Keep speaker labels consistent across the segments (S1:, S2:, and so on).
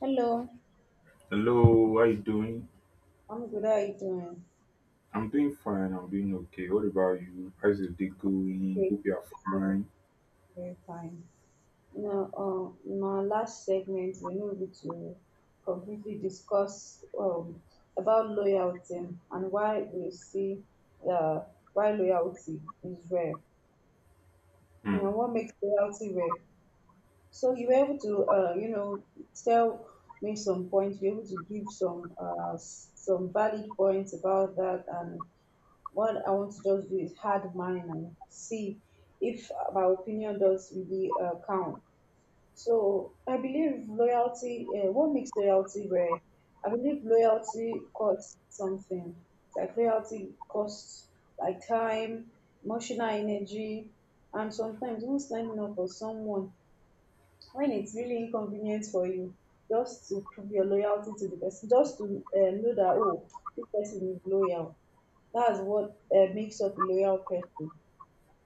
S1: Hello,
S2: Hello, how you doing?
S1: I'm good. How are you doing?
S2: I'm doing fine. I'm doing okay. What about you? How's your day going?
S1: Great.
S2: Hope you are
S1: So,
S2: fine.
S1: Very fine. In our last segment, we know we to completely discuss about loyalty and why we see uh, why loyalty is rare. You
S2: Hmm.
S1: what makes loyalty rare. So you were able to, tell me some points. You were able to give some some valid points about that, and what I want to just do is hard mine and see if my opinion does really count. So I believe loyalty. What makes loyalty rare? I believe loyalty costs something. Like loyalty costs like time, emotional energy, and sometimes even standing up for someone when it's really inconvenient for you, just to prove your loyalty to the person, just to know that, oh, this person is loyal. That's what makes up a loyal person.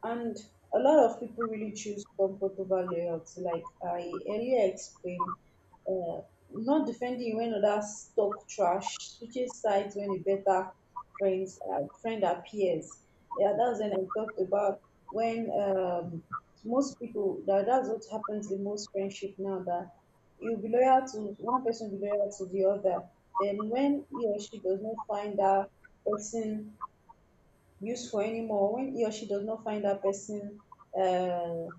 S1: And a lot of people really choose comfort over loyalty. Like I earlier explained, uh, not defending you when others talk trash, switching sides when a better friend appears. Yeah, that's when I talked about when most people that's what happens in most friendship now, that you'll be loyal to one person, be loyal to the other. Then when he or she does not find that person useful anymore, when he or she does not find that person uh,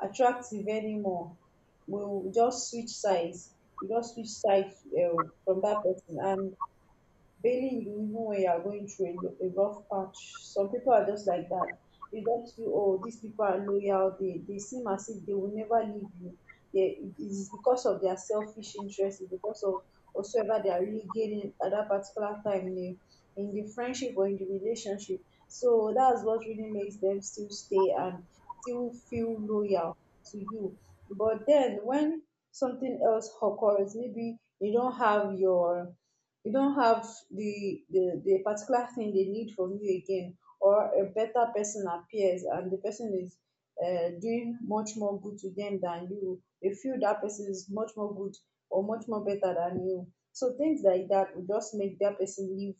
S1: attractive anymore, we will just switch sides. You just switch sides from that person, and barely you even when you are going through a, a rough patch. Some people are just like that. You just feel, oh, these people are loyal. They seem as if they will never leave you. They, it's because of their selfish interest. It's because of whatsoever they are really gaining at that particular time in in the friendship or in the relationship. So that's what really makes them still stay and still feel loyal to you. But then when something else occurs, maybe you don't have your you don't have the particular thing they need from you again, or a better person appears, and the person is doing much more good to them than you, they feel that person is much more good or much more better than you, so things like that will just make that person leave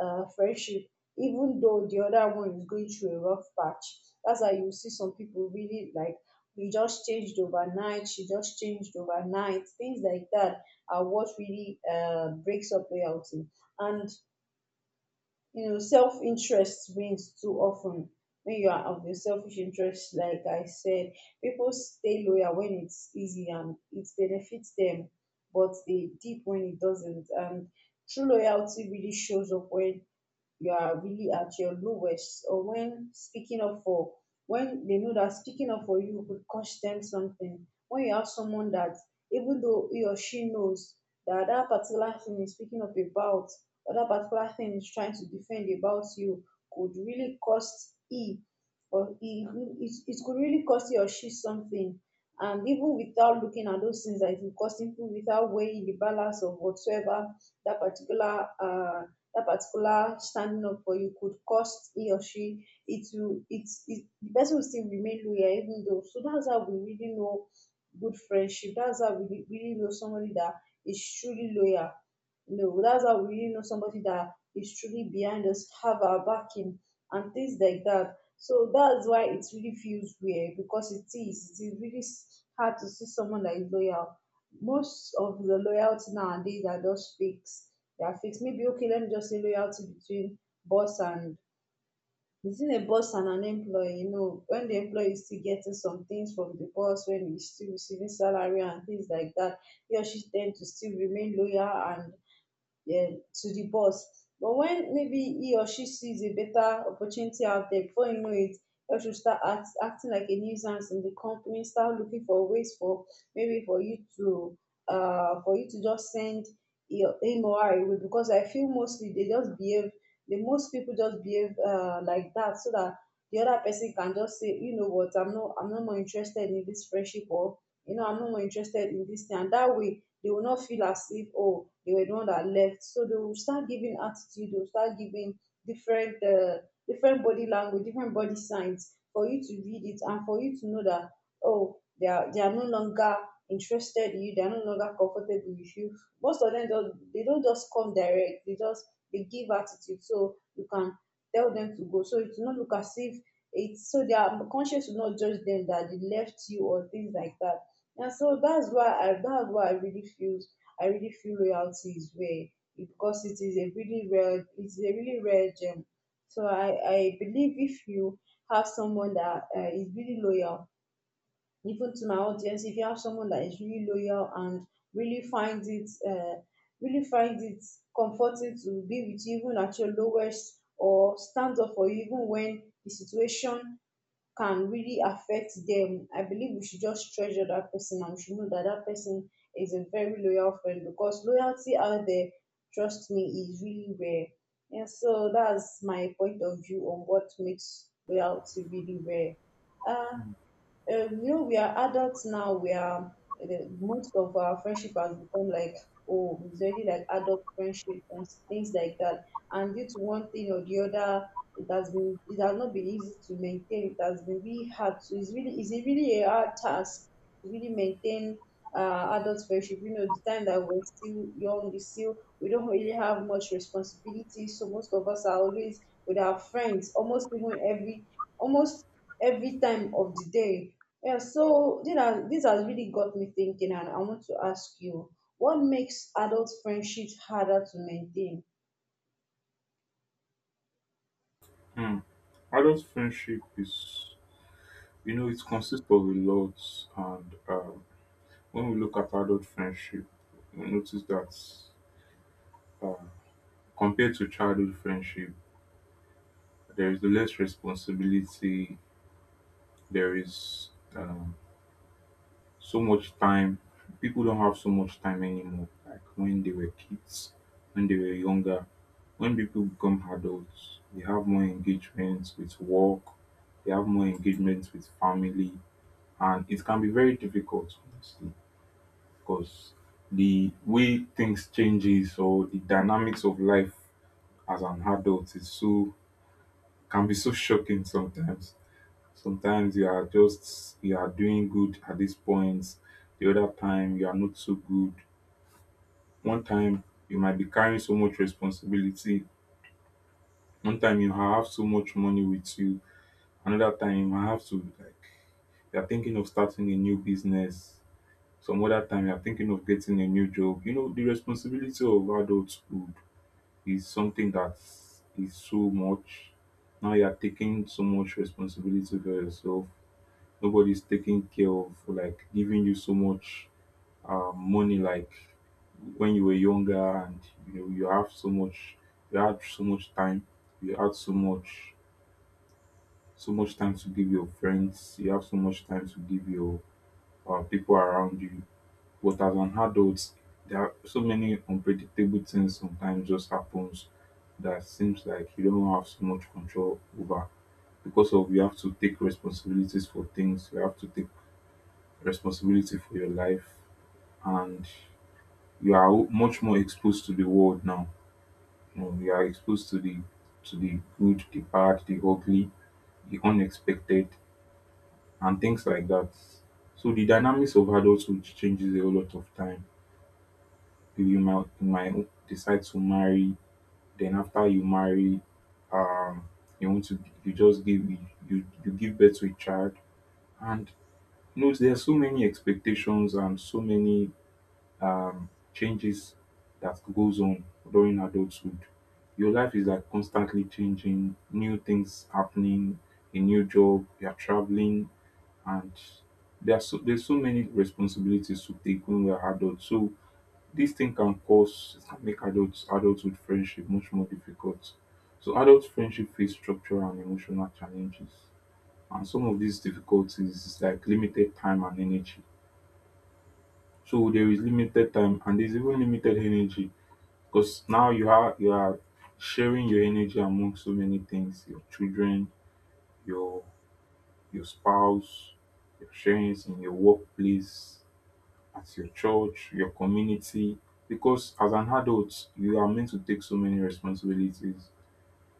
S1: friendship, even though the other one is going through a rough patch. That's why you see some people really like, we just changed overnight, she just changed overnight, things like that are what really breaks up loyalty. And you know, self-interest wins too often. When you are of your selfish interest, like I said, people stay loyal when it's easy and it benefits them, but they deep when it doesn't. And true loyalty really shows up when you are really at your lowest, or when speaking up for when they know that speaking up for you could cost them something, when you have someone that, even though he or she knows that that particular thing is speaking up about, or that particular thing is trying to defend about you, could really cost he or he it could really cost he or she something, and even without looking at those things that it will cost, even without weighing the balance of whatsoever that particular uh that particular standing up for you could cost he or she, it, the person will still remain loyal even though, so that's how we really know good friendship. That's how we really know somebody that is truly loyal. No, that's how we really know somebody that is truly behind us, have our backing and things like that. So that's why it really feels weird, because it is, it is really hard to see someone that is loyal. Most of the loyalty nowadays are just fixed. They are fixed. Maybe, okay, let me just say loyalty between boss and between a boss and an employee. You know, when the employee is still getting some things from the boss, when he's still receiving salary and things like that, he or she tend to still remain loyal and, yeah, to the boss. But when maybe he or she sees a better opportunity out there, before you know it, you should start acting like a nuisance in the company. Start looking for ways for maybe for you to just send your him or her away, because I feel mostly they just behave. The most people just behave like that, so that the other person can just say, you know what, I'm not more interested in this friendship, or you know, I'm not more interested in this thing. And that way, they will not feel as if, oh, they were the one that left. So they will start giving attitude, they will start giving different different body language, different body signs, for you to read it, and for you to know that, oh, they are no longer interested in you, they are no longer comfortable with you. Most of them don't, they don't just come direct, they give attitude so you can tell them to go, so it will not look as if, it's so their conscience will not judge them that they left you, or things like that. Yeah, so that's why I that's why I really feel I really feel loyalty is rare. E because it is a really rare, it is a really rare gem. So I believe, if you have someone that is really loyal, even to my audience, if you have someone that is really loyal and really finds it uh, really finds it comforting to be with you even at your lowest, or stands up for you even when the situation can really affect them, I believe we should just treasure that person, and we should know that that person is a very loyal friend, because loyalty out there, trust me, is really rare. Yeah, so that's my point of view on what makes loyalty really rare. Uh, we are adults now. We are most of our friendship has become like, oh, it's already like adult friendship and things like that. And due to one thing or the other, it has not been easy to maintain. It has been really hard. So it's really, it's a really a hard task to really maintain adult friendship. You know, the time that we're still young, we don't really have much responsibility. So most of us are always with our friends, almost even every almost every time of the day. Yeah, so these are, this has really got me thinking, and I want to ask you, what makes adult friendships harder to maintain?
S2: Hmm. Adult friendship is, you know, it consists of a lot, and when we look at adult friendship, we notice that um, compared to childhood friendship, there is less responsibility. There is um, so much time. People don't have so much time anymore. Like when they were kids, when they were younger, when people become adults, they have more engagements with work, they have more engagements with family, and it can be very difficult, honestly, because the way things changes or the dynamics of life as an adult is so can be so shocking sometimes. Sometimes you are just you are doing good at this point. The other time you are not so good. One time you might be carrying so much responsibility. One time you have so much money with you. Another time you might have to like you are thinking of starting a new business. Some other time you are thinking of getting a new job. You know the responsibility of adulthood is something that is so much. Now you are taking so much responsibility for yourself, nobody's taking care of like giving you so much money like when you were younger, and you know you have so much, you had so much time, you had so much, so much time to give your friends, you have so much time to give your people around you. But as an adult, there are so many unpredictable things sometimes just happens that seems like you don't have so much control over, because of you have to take responsibilities for things, you have to take responsibility for your life, and you are much more exposed to the world now. You know, you are exposed to the good, the bad, the ugly, the unexpected, and things like that. So the dynamics of adulthood changes a lot of time. You you might decide to marry, then after you marry, um you want to, you just give you, you give birth to a child, and you know there's so many expectations and so many um, changes that goes on during adulthood. Your life is like constantly changing, new things happening, a new job, you're traveling, and there are so, there's so many responsibilities to take when we're adults. So this thing can cause, it can make adults, adulthood friendship much more difficult. So adult friendship face structural and emotional challenges. And some of these difficulties is like limited time and energy. So there is limited time and there's even limited energy, because now you are sharing your energy among so many things, your children, your your spouse, your shares in your workplace, at your church, your community. Because as an adult, you are meant to take so many responsibilities.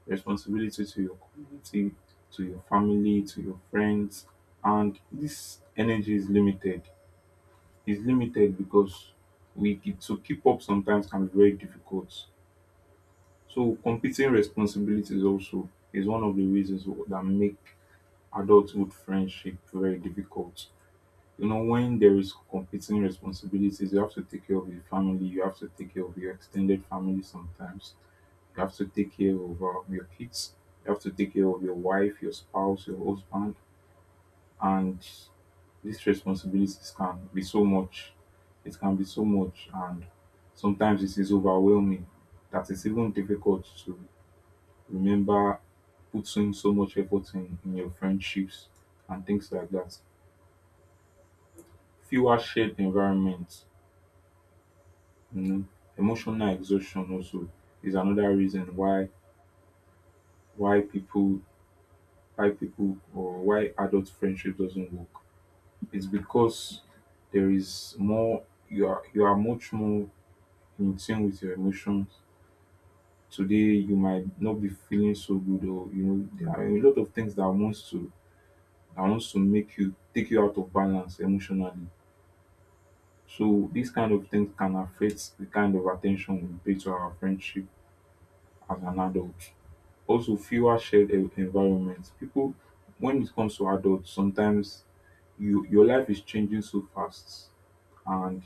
S2: Responsibility to your community, to your family, to your friends. And this energy is limited. It's limited because we to keep up sometimes can be very difficult. So competing responsibilities also is one of the reasons that make adulthood friendship very difficult. You know, when there is competing responsibilities, you have to take care of your family, you have to take care of your extended family sometimes, you have to take care of your kids, you have to take care of your wife, your spouse, your husband, and these responsibilities can be so much. It can be so much, and sometimes it is overwhelming that it's even difficult to remember puts in so much effort in your friendships and things like that. Fewer shared environments, you know, emotional exhaustion also is another reason why why people why people or why adult friendship doesn't work. It's because there is more, you are much more in tune with your emotions. Today you might not be feeling so good, or you know there are a lot of things that wants to make you take you out of balance emotionally. So these kind of things can affect the kind of attention we pay to our friendship as an adult. Also, fewer shared environments. People, when it comes to adults, sometimes you your life is changing so fast, and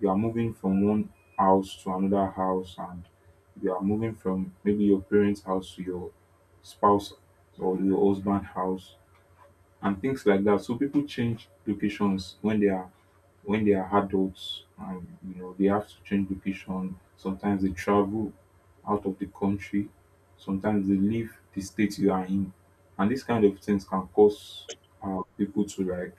S2: you are moving from one house to another house, and you are moving from maybe your parents' house to your spouse or your husband's house, and things like that. So people change locations when they are adults, and you know they have to change location. Sometimes they travel out of the country, sometimes they leave the state you are in. And these kind of things can cause people to like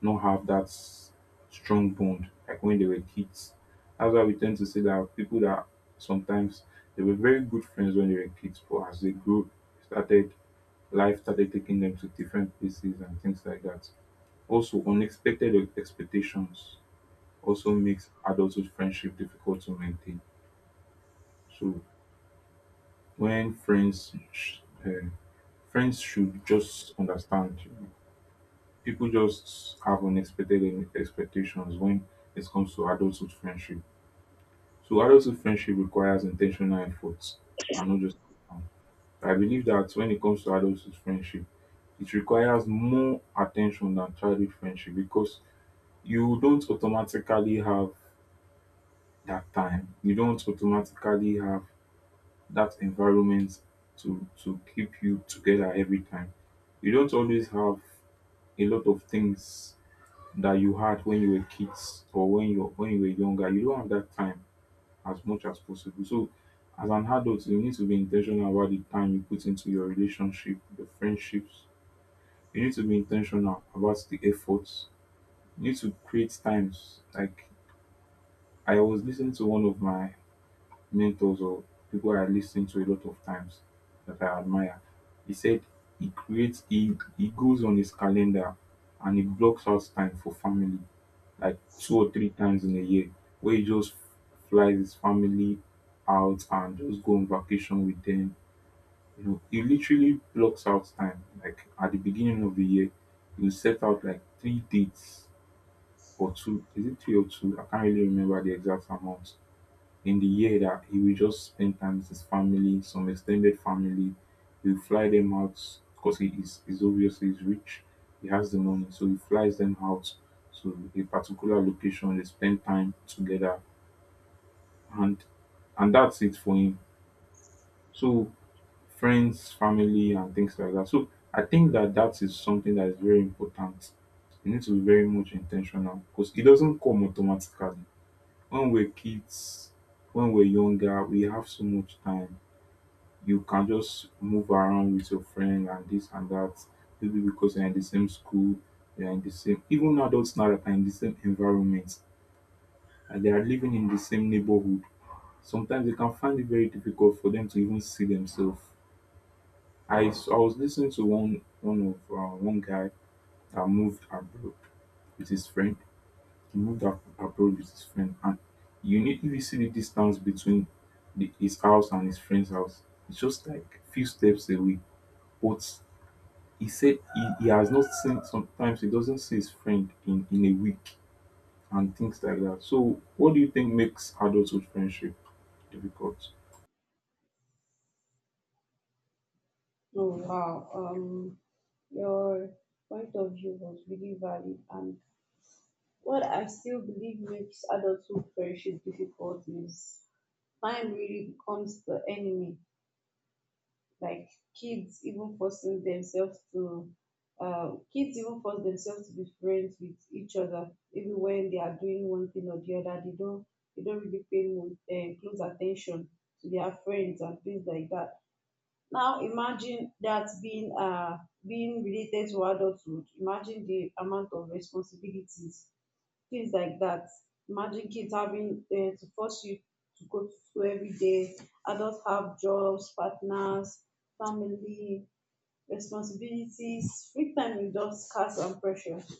S2: not have that strong bond like when they were kids. That's why we tend to say that people that sometimes they were very good friends when they were kids, but as they grew, started life started taking them to different places and things like that. Also, unexpected expectations also makes adulthood friendship difficult to maintain. So when eh, friends should just understand, people just have unexpected expectations when it comes to adulthood friendship. So adulthood friendship requires intentional efforts and not just. I believe that when it comes to adulthood friendship, it requires more attention than childhood friendship, because you don't automatically have that time. You don't automatically have that environment to keep you together every time. You don't always have a lot of things that you had when you were kids or when you were younger. You don't have that time as much as possible. So as an adult, you need to be intentional about the time you put into your relationship, your friendships. You need to be intentional about the efforts. You need to create times. Like I was listening to one of my mentors or people I listen to a lot of times that I admire. He said he goes on his calendar and he blocks out time for family like two or three times in a year, where he just flies his family out and just go on vacation with them. You know, he literally blocks out time. Like at the beginning of the year, he will set out like three dates or two. Is it three or two? I can't really remember the exact amount in the year that he will just spend time with his family, some extended family. He'll fly them out because he is he's obviously he's rich. He has the money, so he flies them out to a particular location. They spend time together, and and that's it for him. So friends, family, and things like that. So I think that that is something that is very important. You need to be very much intentional because it doesn't come automatically. When we're kids, when we're younger, we have so much time, you can just move around with your friend and this and that. Maybe because you're in the same school, you're in the same, even adults now that are in the same environment and they are living in the same neighborhood. Sometimes they can find it very difficult for them to even see themselves. I was listening to one guy that moved abroad with his friend. He moved abroad with his friend, and you need if see the distance between his house and his friend's house, it's just like few steps away. But he said he has not seen, sometimes he doesn't see his friend in a week and things like that. So what do you think makes adulthood friendship difficult?
S1: Oh wow, your point of view was really valid, and what I still believe makes adulthood friendship difficult is time really becomes the enemy. Like kids even forcing themselves to kids even force themselves to be friends with each other even when they are doing one thing or the other, they don't really pay close attention to their friends and things like that. Now imagine that being being related to adulthood, imagine the amount of responsibilities, things like that. Imagine kids having to force you to go to school every day. Adults have jobs, partners, family, responsibilities. Free time is just scarce and precious.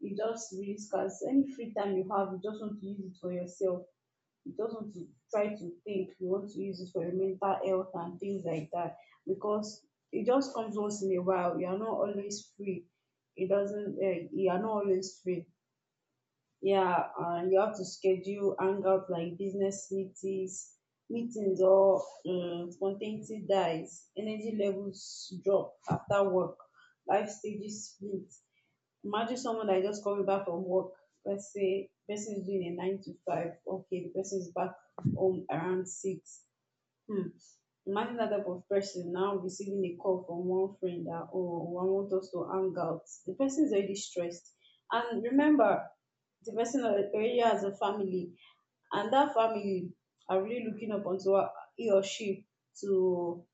S1: It just really scarce. Any free time you have, you just want to use it for yourself. You just want to try to think. You want to use it for your mental health and things like that, because it just comes once in a while. You are not always free. It doesn't. You are not always free. Yeah, and you have to schedule hangouts like business meetings, or spontaneity dies, energy levels drop after work, life stages split. Imagine someone that just coming back from work, let's say person is doing a 9 to 5, okay, the person is back home around 6. Hmm. Imagine that type of person now receiving a call from one friend that, oh, I want us to hang out. The person is already stressed, and remember, the person already has a family, and that family are really looking up onto he or she to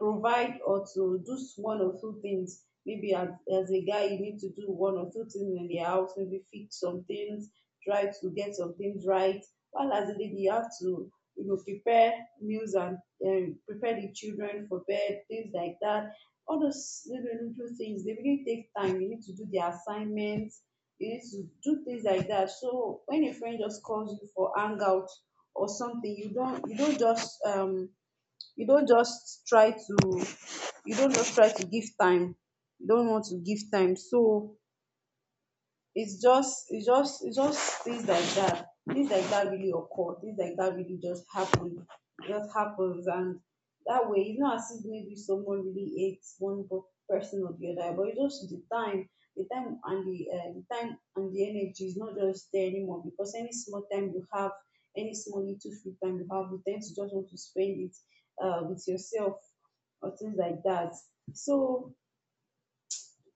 S1: provide or to do one or two things. Maybe as a guy, you need to do one or two things in the house, maybe fix some things, try to get some things right. While as a lady, you have to, you know, prepare meals and prepare the children for bed, things like that. All those little, little things, they really take time. You need to do the assignments, you need to do things like that. So when a friend just calls you for hangout or something, you don't just you don't just try to you don't just try to give time, you don't want to give time, so it's just things like that. Things like that really occur, things like that really just happen. It just happens, and that way it's not as if maybe someone really hates one person or the other, but it's just the time, the time and the energy is not just there anymore, because any small time you have, any small little free time you have, you tend to just want to spend it, with yourself or things like that. So,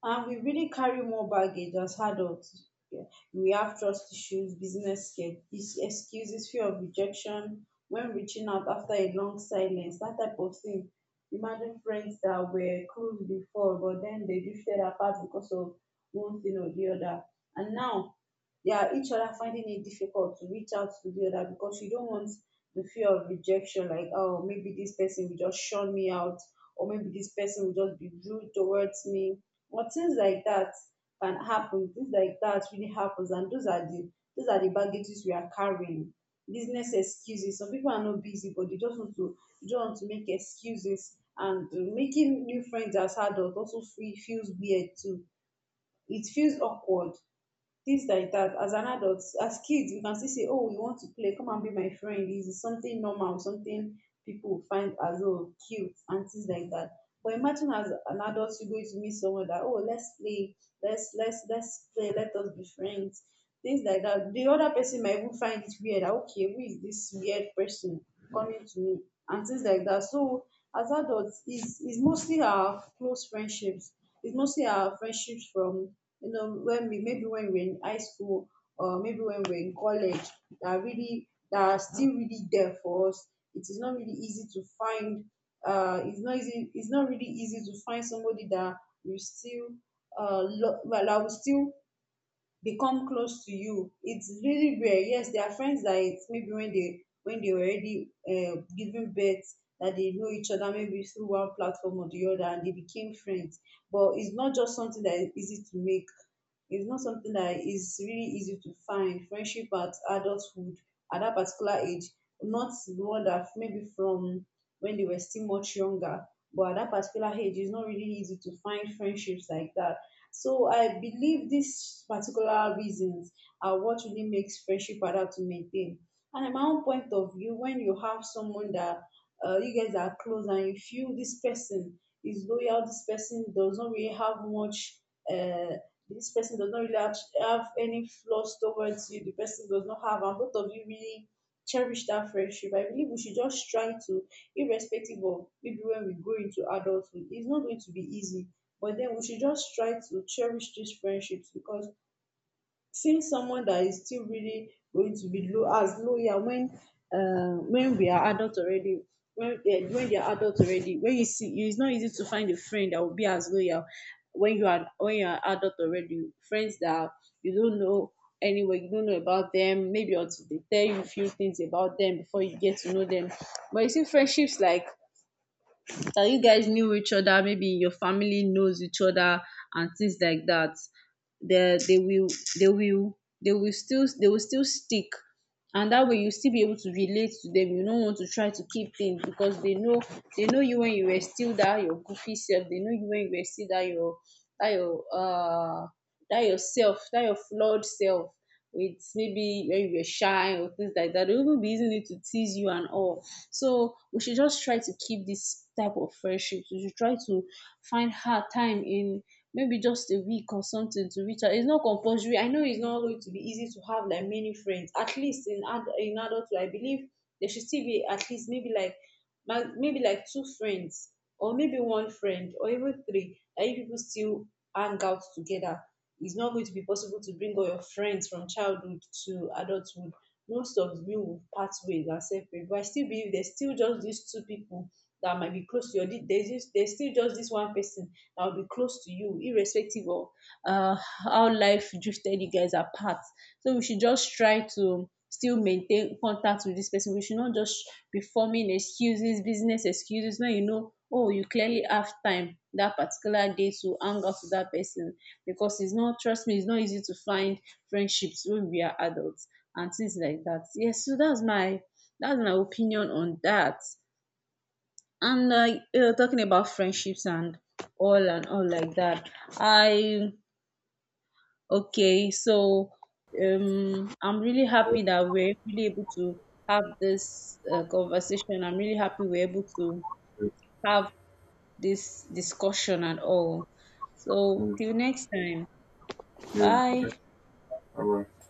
S1: and we really carry more baggage as adults. Yeah. We have trust issues, business excuses, fear of rejection when reaching out after a long silence, that type of thing. Imagine friends that were close before, but then they drifted apart because of one thing or the other. And now they are each other finding it difficult to reach out to the other, because you don't want the fear of rejection, like, oh, maybe this person will just shun me out, or maybe this person will just be rude towards me, but things like that can happen. Things like that really happens, and those are the baggages we are carrying. Business excuses. Some people are not busy, but they just want to make excuses. And making new friends as adults also feels weird too. It feels awkward, this like that. As an adult, as kids we can still say, oh, you want to play, come and be my friend. This is something normal, something people will find as, oh, cute and things like that. But imagine as an adult you going to meet someone that, oh, let's play, let's play, let us be friends, things like that. The other person might even find it weird that, okay, who is this weird person coming to me and things like that. So as adults is mostly our close friendships. It's mostly our friendships from, you know, when we, maybe when we're in high school, or maybe when we're in college, that are still really there for us. It is not really easy to find. It's not easy. It's not really easy to find somebody that will still, well, that will still become close to you. It's really rare. Yes, there are friends that it's maybe when they already, giving birth, that they know each other maybe through one platform or the other, and they became friends. But it's not just something that is easy to make. It's not something that is really easy to find. Friendship at adulthood, at that particular age, not the one that maybe from when they were still much younger, but at that particular age, it's not really easy to find friendships like that. So I believe these particular reasons are what really makes friendship harder to maintain. And at my own point of view, when you have someone that, you guys are close and you feel this person is loyal, this person does not really have much, uh, this person does not really have any flaws towards you, the person does not have, and both of you really cherish that friendship, I believe we should just try to, irrespective of, maybe when we go into adulthood it's not going to be easy, but then we should just try to cherish these friendships. Because seeing someone that is still really going to be low as loyal when, when we are adults already, when they are adults already, when you see it's not easy to find a friend that will be as loyal when you are adult already. Friends that you don't know anyway, you don't know about them, maybe until they tell you a few things about them before you get to know them. But you see friendships like that, you guys knew each other, maybe your family knows each other and things like that, they will they will they will still, they will still stick. And that way you still be able to relate to them, you don't want to try to keep things, because they know, they know you when you were still that your goofy self. They know you when you were still that your, that your, that your flawed self, with maybe when you were shy or things like that, they will even be using it to tease you and all. So we should just try to keep this type of friendship. We should try to find hard time in maybe just a week or something to reach out. It's not compulsory. I know it's not going to be easy to have like many friends. At least in in adulthood, I believe there should still be at least maybe like, maybe like two friends, or maybe one friend, or even three, that you people still hang out together. It's not going to be possible to bring all your friends from childhood to adulthood. Most of you will part ways and separate, but I still believe there's still just these two people that might be close to you. There's still just this one person that will be close to you, irrespective of, uh, how life drifted you guys apart. So we should just try to still maintain contact with this person. We should not just be forming excuses, business excuses, when you know, oh, you clearly have time that particular day to hang out with that person. Because it's not, trust me, it's not easy to find friendships when we are adults and things like that. Yes, so that's my opinion on that. And like, talking about friendships and all, and all like that, I okay, so, I'm really
S2: Okay.
S1: happy that we're really able to have this, conversation. I'm really happy we're able to have this discussion and all. So
S2: Mm.
S1: till next time,
S2: Yeah,
S1: bye.
S2: that's all right.